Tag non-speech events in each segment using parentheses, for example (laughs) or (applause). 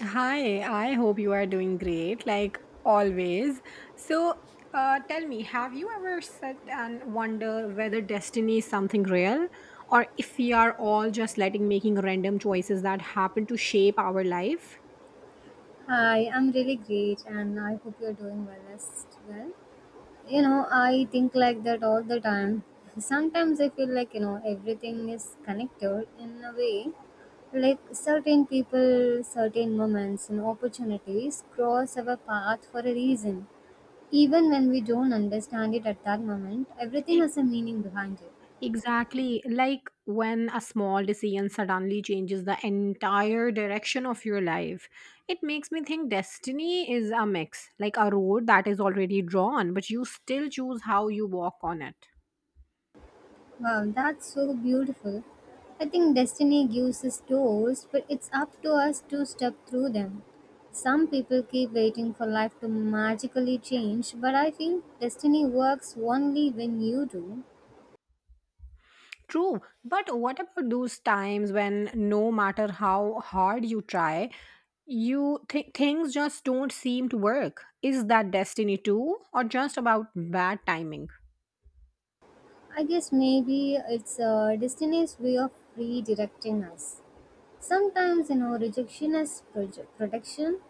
Hi, I hope you are doing great, like always. So, Tell me, have you ever sat and wonder whether destiny is something real, or if we are all just letting making random choices that happen to shape our life? Hi, I'm really great, and I hope you're doing well as well. You know, I think like that all the time. Sometimes I feel like, you know, everything is connected in a way. Like certain people, certain moments, and opportunities cross our path for a reason. Even when we don't understand it at that moment, everything E- has a meaning behind it. Exactly, like when a small decision suddenly changes the entire direction of your life. It makes me think destiny is a mix, like a road that is already drawn, but you still choose how you walk on it. Wow, that's so beautiful. I think destiny gives us doors, but it's up to us to step through them. Some people keep waiting for life to magically change, but I feel destiny works only when you do. True, but what about those times when no matter how hard you try, things just don't seem to work? Is that destiny too, or just about bad timing? I guess maybe it's destiny's way of redirecting us. Sometimes, you know, rejection is protection.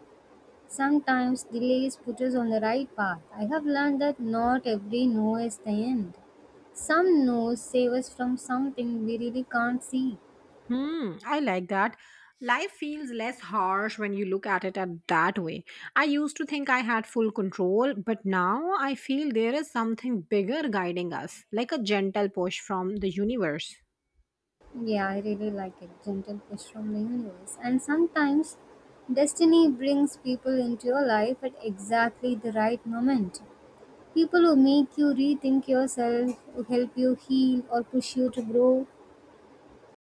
Sometimes delays put us on the right path. I have learned that not every no is the end. Some no's save us from something we really can't see. Hmm, I like that. Life feels less harsh when you look at it at that way. I used to think I had full control, but now I feel there is something bigger guiding us, like a gentle push from the universe. Yeah, I really like it. Gentle push from the universe. And sometimes destiny brings people into your life at exactly the right moment. People who make you rethink yourself, who help you heal or push you to grow.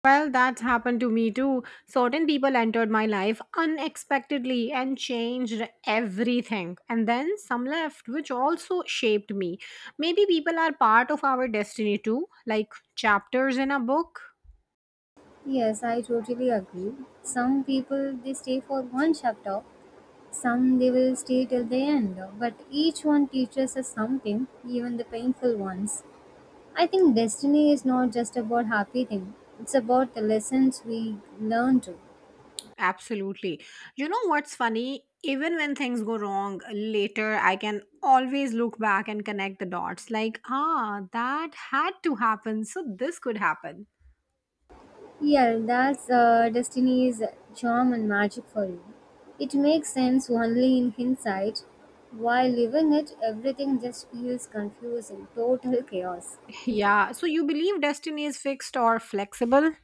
Well, that's happened to me too. Certain people entered my life unexpectedly and changed everything. And then some left, which also shaped me. Maybe people are part of our destiny too, like chapters in a book. Yes, I totally agree. Some people they stay for one chapter. Some they will stay till the end, but each one teaches us something, even the painful ones. I think destiny is not just about happy thing; it's about the lessons we learn too. Absolutely. You know what's funny? Even when things go wrong later, I can always look back and connect the dots. Like, ah, that had to happen, so this could happen. Yeah, that's destiny's charm and magic for you. It makes sense only in hindsight. While living it, everything just feels confusing, total chaos. (laughs) Yeah, so you believe destiny is fixed or flexible?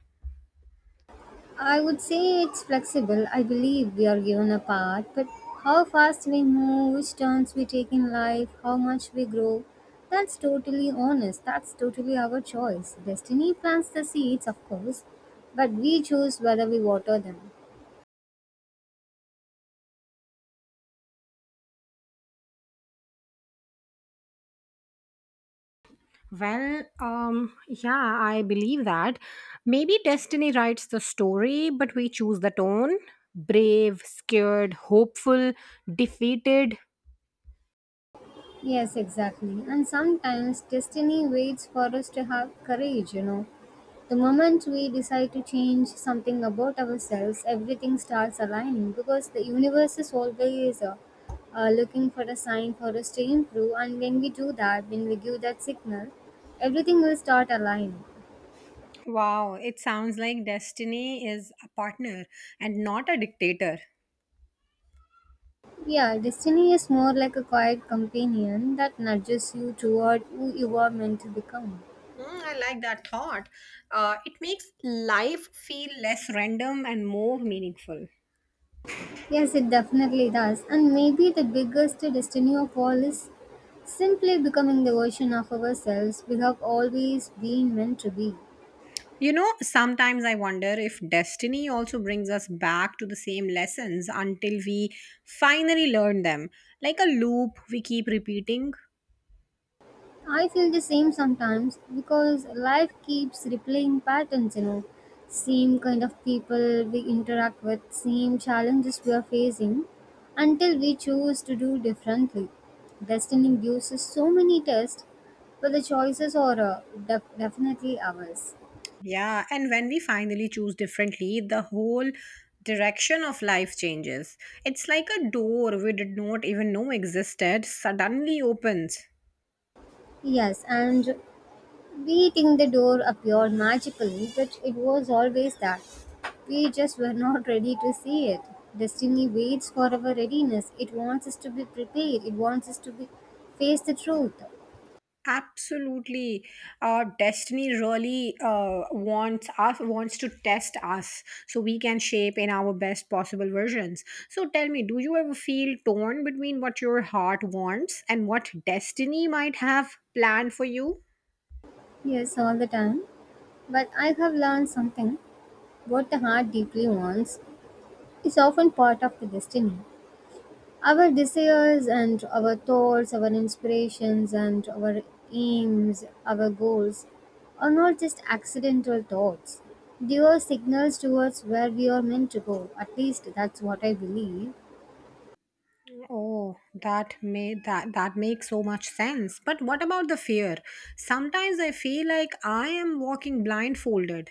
I would say it's flexible. I believe we are given a path, but how fast we move, which turns we take in life, how much we grow, that's totally honest. That's totally our choice. Destiny plants the seeds, of course, but we choose whether we water them. Well, yeah, I believe that. Maybe destiny writes the story, but we choose the tone. Brave, scared, hopeful, defeated. Yes, exactly. And sometimes destiny waits for us to have courage, you know. The moment we decide to change something about ourselves, everything starts aligning because the universe is always looking for a sign for us to improve. And when we do that, when we give that signal, everything will start aligning. Wow, it sounds like destiny is a partner and not a dictator. Yeah, destiny is more like a quiet companion that nudges you toward who you are meant to become. Hmm, I like that thought. It makes life feel less random and more meaningful. Yes, it definitely does. And maybe the biggest destiny of all is simply becoming the version of ourselves we have always been meant to be. You know, sometimes I wonder if destiny also brings us back to the same lessons until we finally learn them. Like a loop we keep repeating. I feel the same sometimes because life keeps replaying patterns, you know. Same kind of people we interact with, same challenges we are facing until we choose to do differently. Destiny gives us so many tests, but the choices are definitely ours. Yeah, and when we finally choose differently, the whole direction of life changes. It's like a door we did not even know existed suddenly opens. Yes, and beating the door appeared magically, but it was always that. We just were not ready to see it. Destiny waits for our readiness. It wants us to be prepared. It wants us to be face the truth. Absolutely. Destiny really wants to test us, so we can shape in our best possible versions. So tell me, do you ever feel torn between what your heart wants and what destiny might have planned for you? Yes, all the time. But I have learned something. What the heart deeply wants is often part of the destiny. Our desires and our thoughts, our inspirations and our aims, our goals are not just accidental thoughts. They are signals towards where we are meant to go. At least that's what I believe. Oh that may that that makes so much sense, but what about the fear? Sometimes I feel like I am walking blindfolded.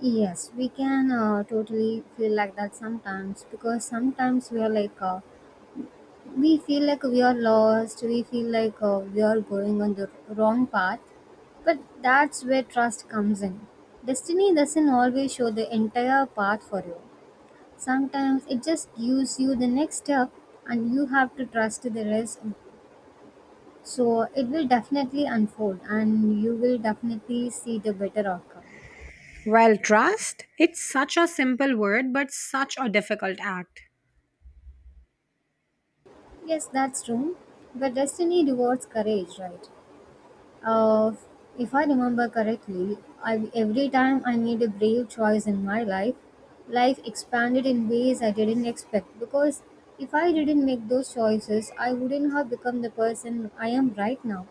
Yes, we can totally feel like that sometimes, because sometimes we are like, we feel like we are lost, we feel like we are going on the wrong path, but that's where trust comes in. Destiny doesn't always show the entire path for you. Sometimes it just gives you the next step, and you have to trust the rest. So it will definitely unfold and you will definitely see the better outcome. Well, trust, it's such a simple word but such a difficult act. Yes, that's true, but destiny rewards courage, right? Uh, if I remember correctly, every time I made a brave choice in my life, life expanded in ways I didn't expect. Because if I didn't make those choices, I wouldn't have become the person I am right now.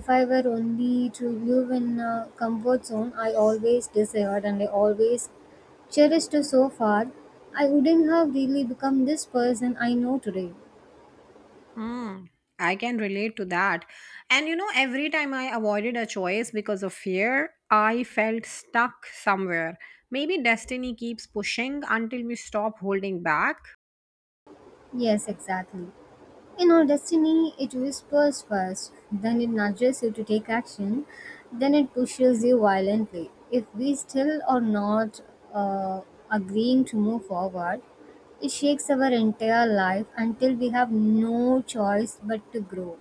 If I were only to live in a comfort zone I always desired and I always cherished so far, I wouldn't have really become this person I know today. Mm, I can relate to that. And you know, every time I avoided a choice because of fear, I felt stuck somewhere. Maybe destiny keeps pushing until we stop holding back. Yes, exactly. You know, destiny, it whispers first, then it nudges you to take action, then it pushes you violently. If we still are not uh, agreeing to move forward, it shakes our entire life until we have no choice but to grow.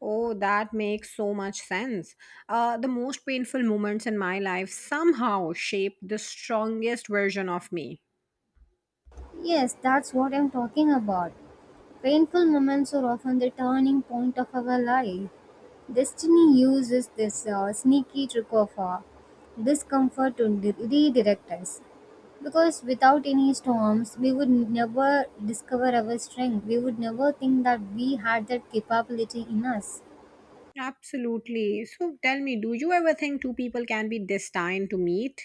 Oh, that makes so much sense. The most painful moments in my life somehow shape the strongest version of me. Yes, that's what I'm talking about. Painful moments are often the turning point of our life. Destiny uses this sneaky trick of discomfort to redirect us. Because without any storms, we would never discover our strength. We would never think that we had that capability in us. Absolutely. So tell me, do you ever think two people can be destined to meet?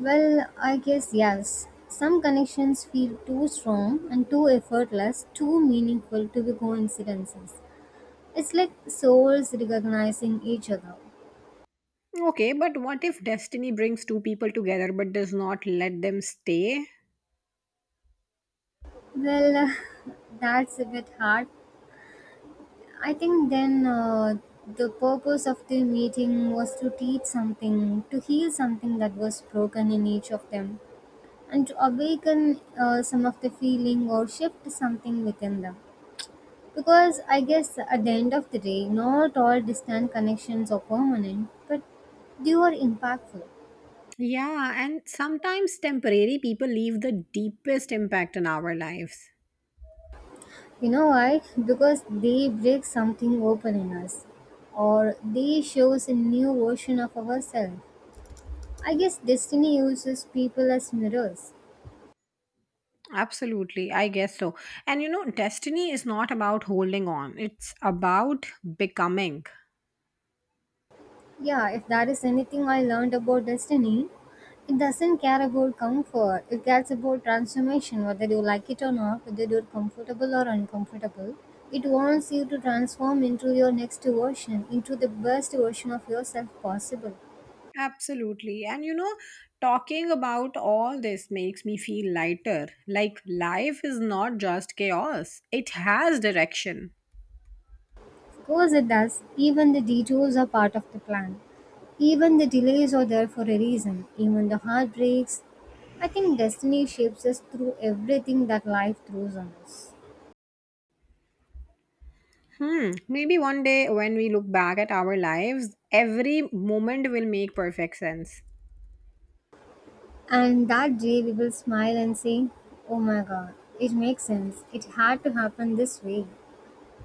Well, I guess yes. Some connections feel too strong and too effortless, too meaningful to be coincidences. It's like souls recognizing each other. Okay, but what if destiny brings two people together but does not let them stay? Well, (laughs) that's a bit hard. I think then the purpose of the meeting was to teach something, to heal something that was broken in each of them, and to awaken some of the feeling or shift something within them. Because I guess at the end of the day, not all distant connections are permanent, but they are impactful. Yeah, and sometimes temporary people leave the deepest impact in our lives. You know why? Because they break something open in us, or they shows a new version of ourselves. I guess destiny uses people as mirrors. Absolutely, I guess so. And you know, destiny is not about holding on, it's about becoming. Yeah, if there is anything I learned about destiny, it doesn't care about comfort. It cares about transformation, whether you like it or not, whether you're comfortable or uncomfortable. It wants you to transform into your next version, into the best version of yourself possible. Absolutely. And you know, talking about all this makes me feel lighter. Like, life is not just chaos, it has direction. Of course it does, even the detours are part of the plan. Even the delays are there for a reason, even the heartbreaks. I think destiny shapes us through everything that life throws on us. Hmm. Maybe one day when we look back at our lives, every moment will make perfect sense. And that day we will smile and say, oh my god, it makes sense. It had to happen this way.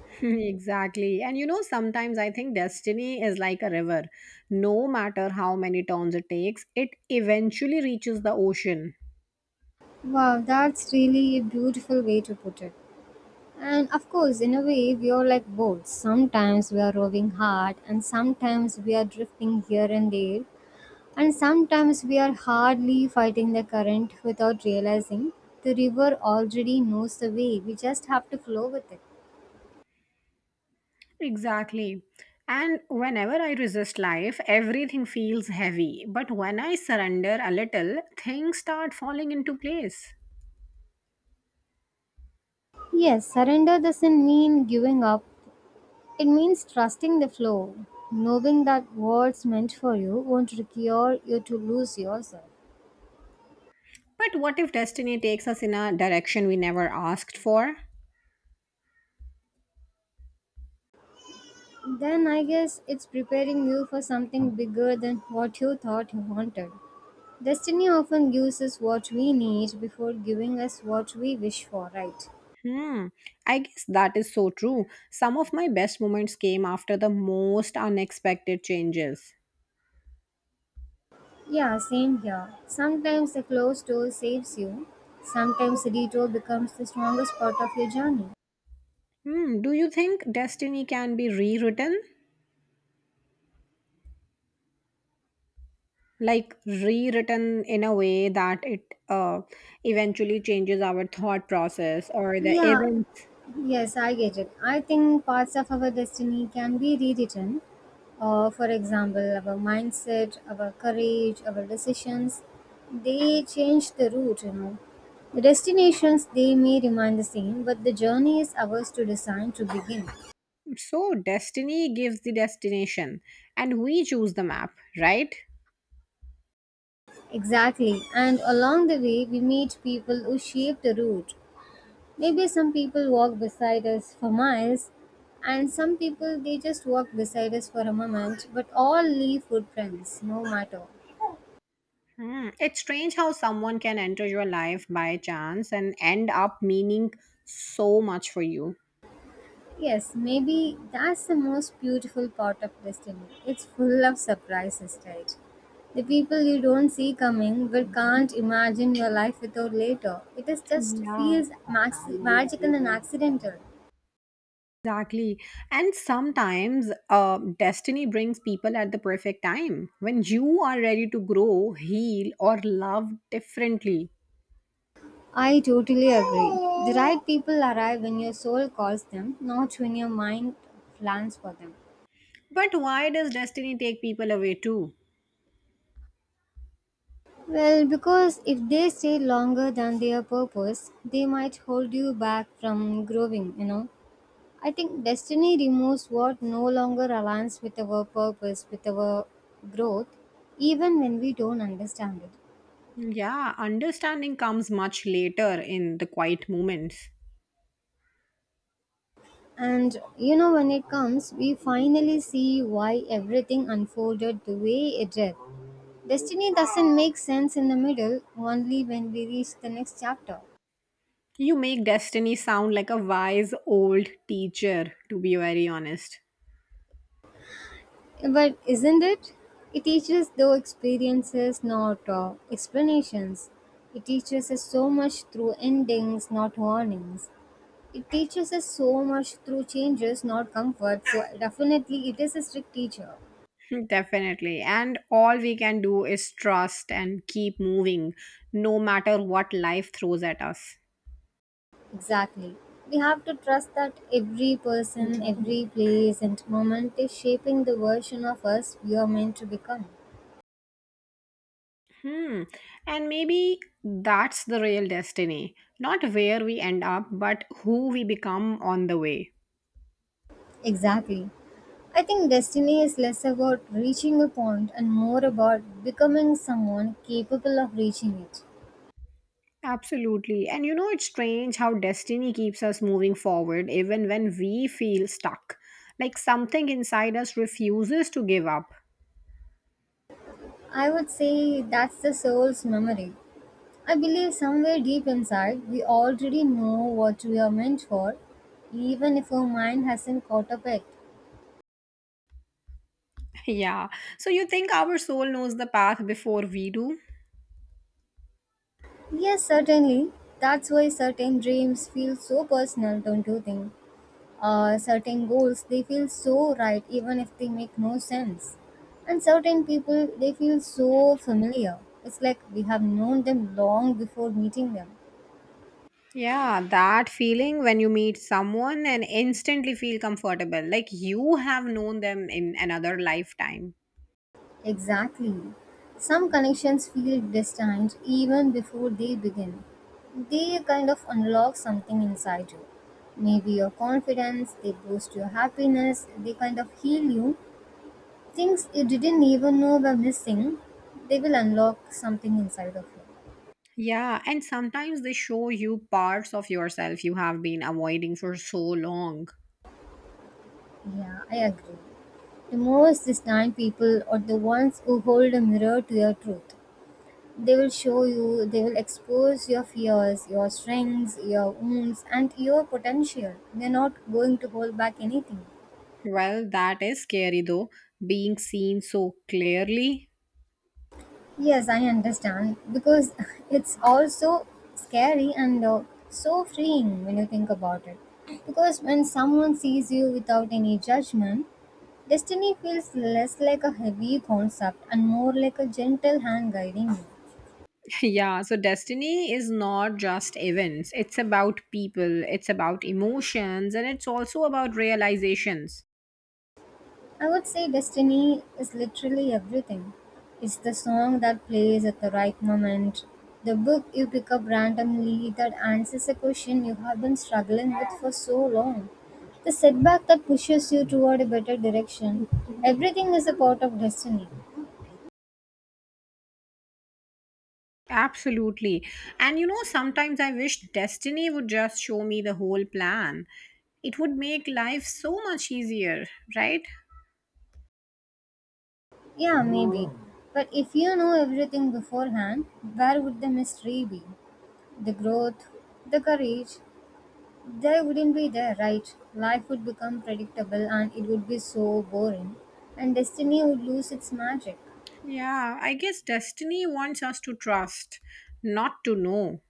(laughs) Exactly. And you know, sometimes I think destiny is like a river. No matter how many turns it takes, it eventually reaches the ocean. Wow, that's really a beautiful way to put it. And of course, in a way, we are like boats. Sometimes we are rowing hard, and sometimes we are drifting here and there. And sometimes we are hardly fighting the current without realizing the river already knows the way. We just have to flow with it. Exactly. And whenever I resist life, everything feels heavy. But when I surrender a little, things start falling into place. Yes, surrender doesn't mean giving up, it means trusting the flow. Knowing that what's meant for you won't require you to lose yourself. But what if destiny takes us in a direction we never asked for? Then I guess it's preparing you for something bigger than what you thought you wanted. Destiny often gives us what we need before giving us what we wish for, right? Hmm, I guess that is so true. Some of my best moments came after the most unexpected changes. Yeah, same here. Sometimes the closed door saves you. Sometimes the detour becomes the strongest part of your journey. Hmm, do you think destiny can be rewritten? Like rewritten in a way that it uh, eventually changes our thought process or the Yeah, events. yes, I get it. I think parts of our destiny can be rewritten. For example, our mindset, our courage, our decisions, they change the route, you know. The destinations they may remain the same, but the journey is ours to design to begin. So, destiny gives the destination and we choose the map, right? Exactly, and along the way, we meet people who shape the route. Maybe some people walk beside us for miles, and some people they just walk beside us for a moment, but all leave footprints, no matter. Hmm. It's strange how someone can enter your life by chance and end up meaning so much for you. Yes, maybe that's the most beautiful part of destiny. It's full of surprises, right? The people you don't see coming but can't imagine your life without later. It is just Yeah. feels magical and accidental. Exactly. And sometimes destiny brings people at the perfect time when you are ready to grow, heal, or love differently. I totally agree. The right people arrive when your soul calls them, not when your mind plans for them. But why does destiny take people away too? Well, because if they stay longer than their purpose, they might hold you back from growing, you know. I think destiny removes what no longer aligns with our purpose, with our growth, even when we don't understand it. Yeah, understanding comes much later in the quiet moments. And you know, when it comes, we finally see why everything unfolded the way it did. Destiny doesn't make sense in the middle, only when we reach the next chapter. You make destiny sound like a wise old teacher, to be very honest. But isn't it? It teaches though experiences, not explanations. It teaches us so much through endings, not warnings. It teaches us so much through changes, not comfort. So definitely, it is a strict teacher. (laughs) Definitely. And all we can do is trust and keep moving, no matter what life throws at us. Exactly. We have to trust that every person, every place, and moment is shaping the version of us we are meant to become. Hmm. And maybe that's the real destiny. Not where we end up, but who we become on the way. Exactly. I think destiny is less about reaching a point and more about becoming someone capable of reaching it. Absolutely. And you know, it's strange how destiny keeps us moving forward even when we feel stuck. Like something inside us refuses to give up. (laughs) I would say that's the soul's memory. I believe somewhere deep inside, we already know what we are meant for, even if our mind hasn't caught up yet. Yeah. So you think our soul knows the path before we do? Yes, certainly. That's why certain dreams feel so personal, don't you think? Certain goals they feel so right even if they make no sense, and certain people they feel so familiar, it's like we have known them long before meeting them. Yeah, that feeling when you meet someone and instantly feel comfortable, like you have known them in another lifetime. Exactly. Some connections feel distant even before they begin. They kind of unlock something inside you. Maybe your confidence they boost, your happiness they kind of heal you, things you didn't even know were missing, they will unlock something inside of you. Yeah, and sometimes they show you parts of yourself you have been avoiding for so long. Yeah, I agree. The most distant people are the ones who hold a mirror to your truth. They will show you, they will expose your fears, your strengths, your wounds, and your potential. They're not going to hold back anything. Well, that is scary though, being seen so clearly. (laughs) Yes, I understand because (laughs) it's also scary and so freeing when you think about it. Because when someone sees you without any judgment, destiny feels less like a heavy concept and more like a gentle hand guiding you. Yeah, so destiny is not just events, it's about people, it's about emotions, and it's also about realizations. I would say destiny is literally everything. It's the song that plays at the right moment, the book you pick up randomly that answers a question you have been struggling with for so long, the setback that pushes you toward a better direction. Everything is a part of destiny. Absolutely. And you know, sometimes I wish destiny would just show me the whole plan. It would make life so much easier, right? Yeah, maybe. But if you know everything beforehand, where would the mystery be? The growth, the courage, they wouldn't be there, right? Life would become predictable and it would be so boring, and destiny would lose its magic. Yeah, I guess destiny wants us to trust, not to know.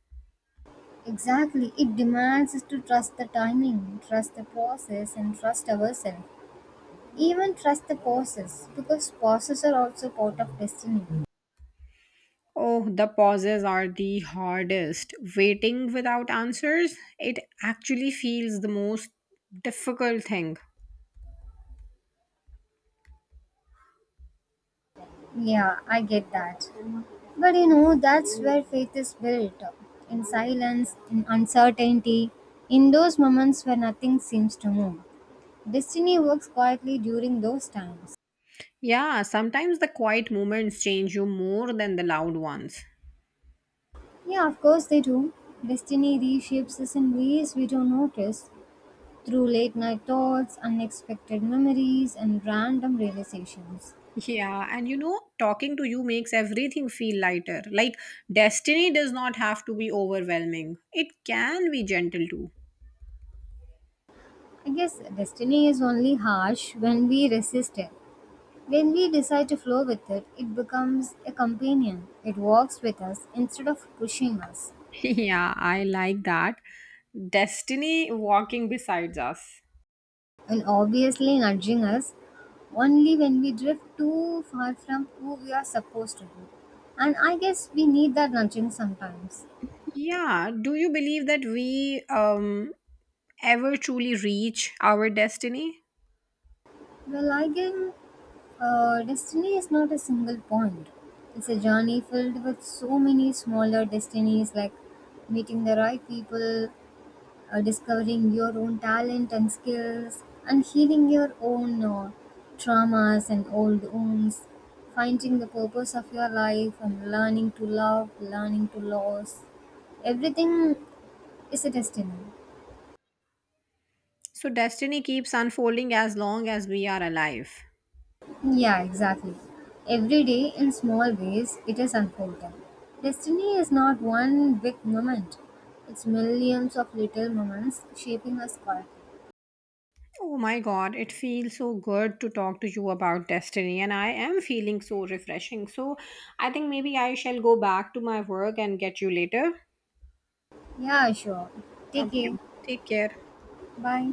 Exactly, it demands us to trust the timing, trust the process, and trust ourselves. Even trust the pauses, because pauses are also part of destiny. Oh, the pauses are the hardest. Waiting without answers, it actually feels the most difficult thing. Yeah, I get that. But you know, that's where faith is built up, in silence, in uncertainty, in those moments where nothing seems to move. Destiny works quietly during those times. Yeah, sometimes the quiet moments change you more than the loud ones. Yeah, of course they do. Destiny reshapes us in ways we don't notice through late night thoughts, unexpected memories, and random realizations. Yeah, and you know, talking to you makes everything feel lighter. Like, destiny does not have to be overwhelming, it can be gentle too. I guess destiny is only harsh when we resist it. When we decide to flow with it, it becomes a companion. It walks with us instead of pushing us. (laughs) Yeah, I like that. Destiny walking beside us. And obviously nudging us only when we drift too far from who we are supposed to be. And I guess we need that nudging sometimes. Yeah. Do you believe that we ever truly reach our destiny? Well, I guess destiny is not a single point. It's a journey filled with so many smaller destinies, like meeting the right people, discovering your own talent and skills, and healing your own traumas and old wounds, finding the purpose of your life, and learning to love, learning to lose. Everything is a destiny. So, destiny keeps unfolding as long as we are alive. Yeah, exactly. Every day in small ways it is unfolding. Destiny is not one big moment, it's millions of little moments shaping us quietly. Oh my god, it feels so good to talk to you about destiny, and I am feeling so refreshing. So, I think maybe I shall go back to my work and get you later. Yeah, sure. Take care. Okay. Take care. Bye.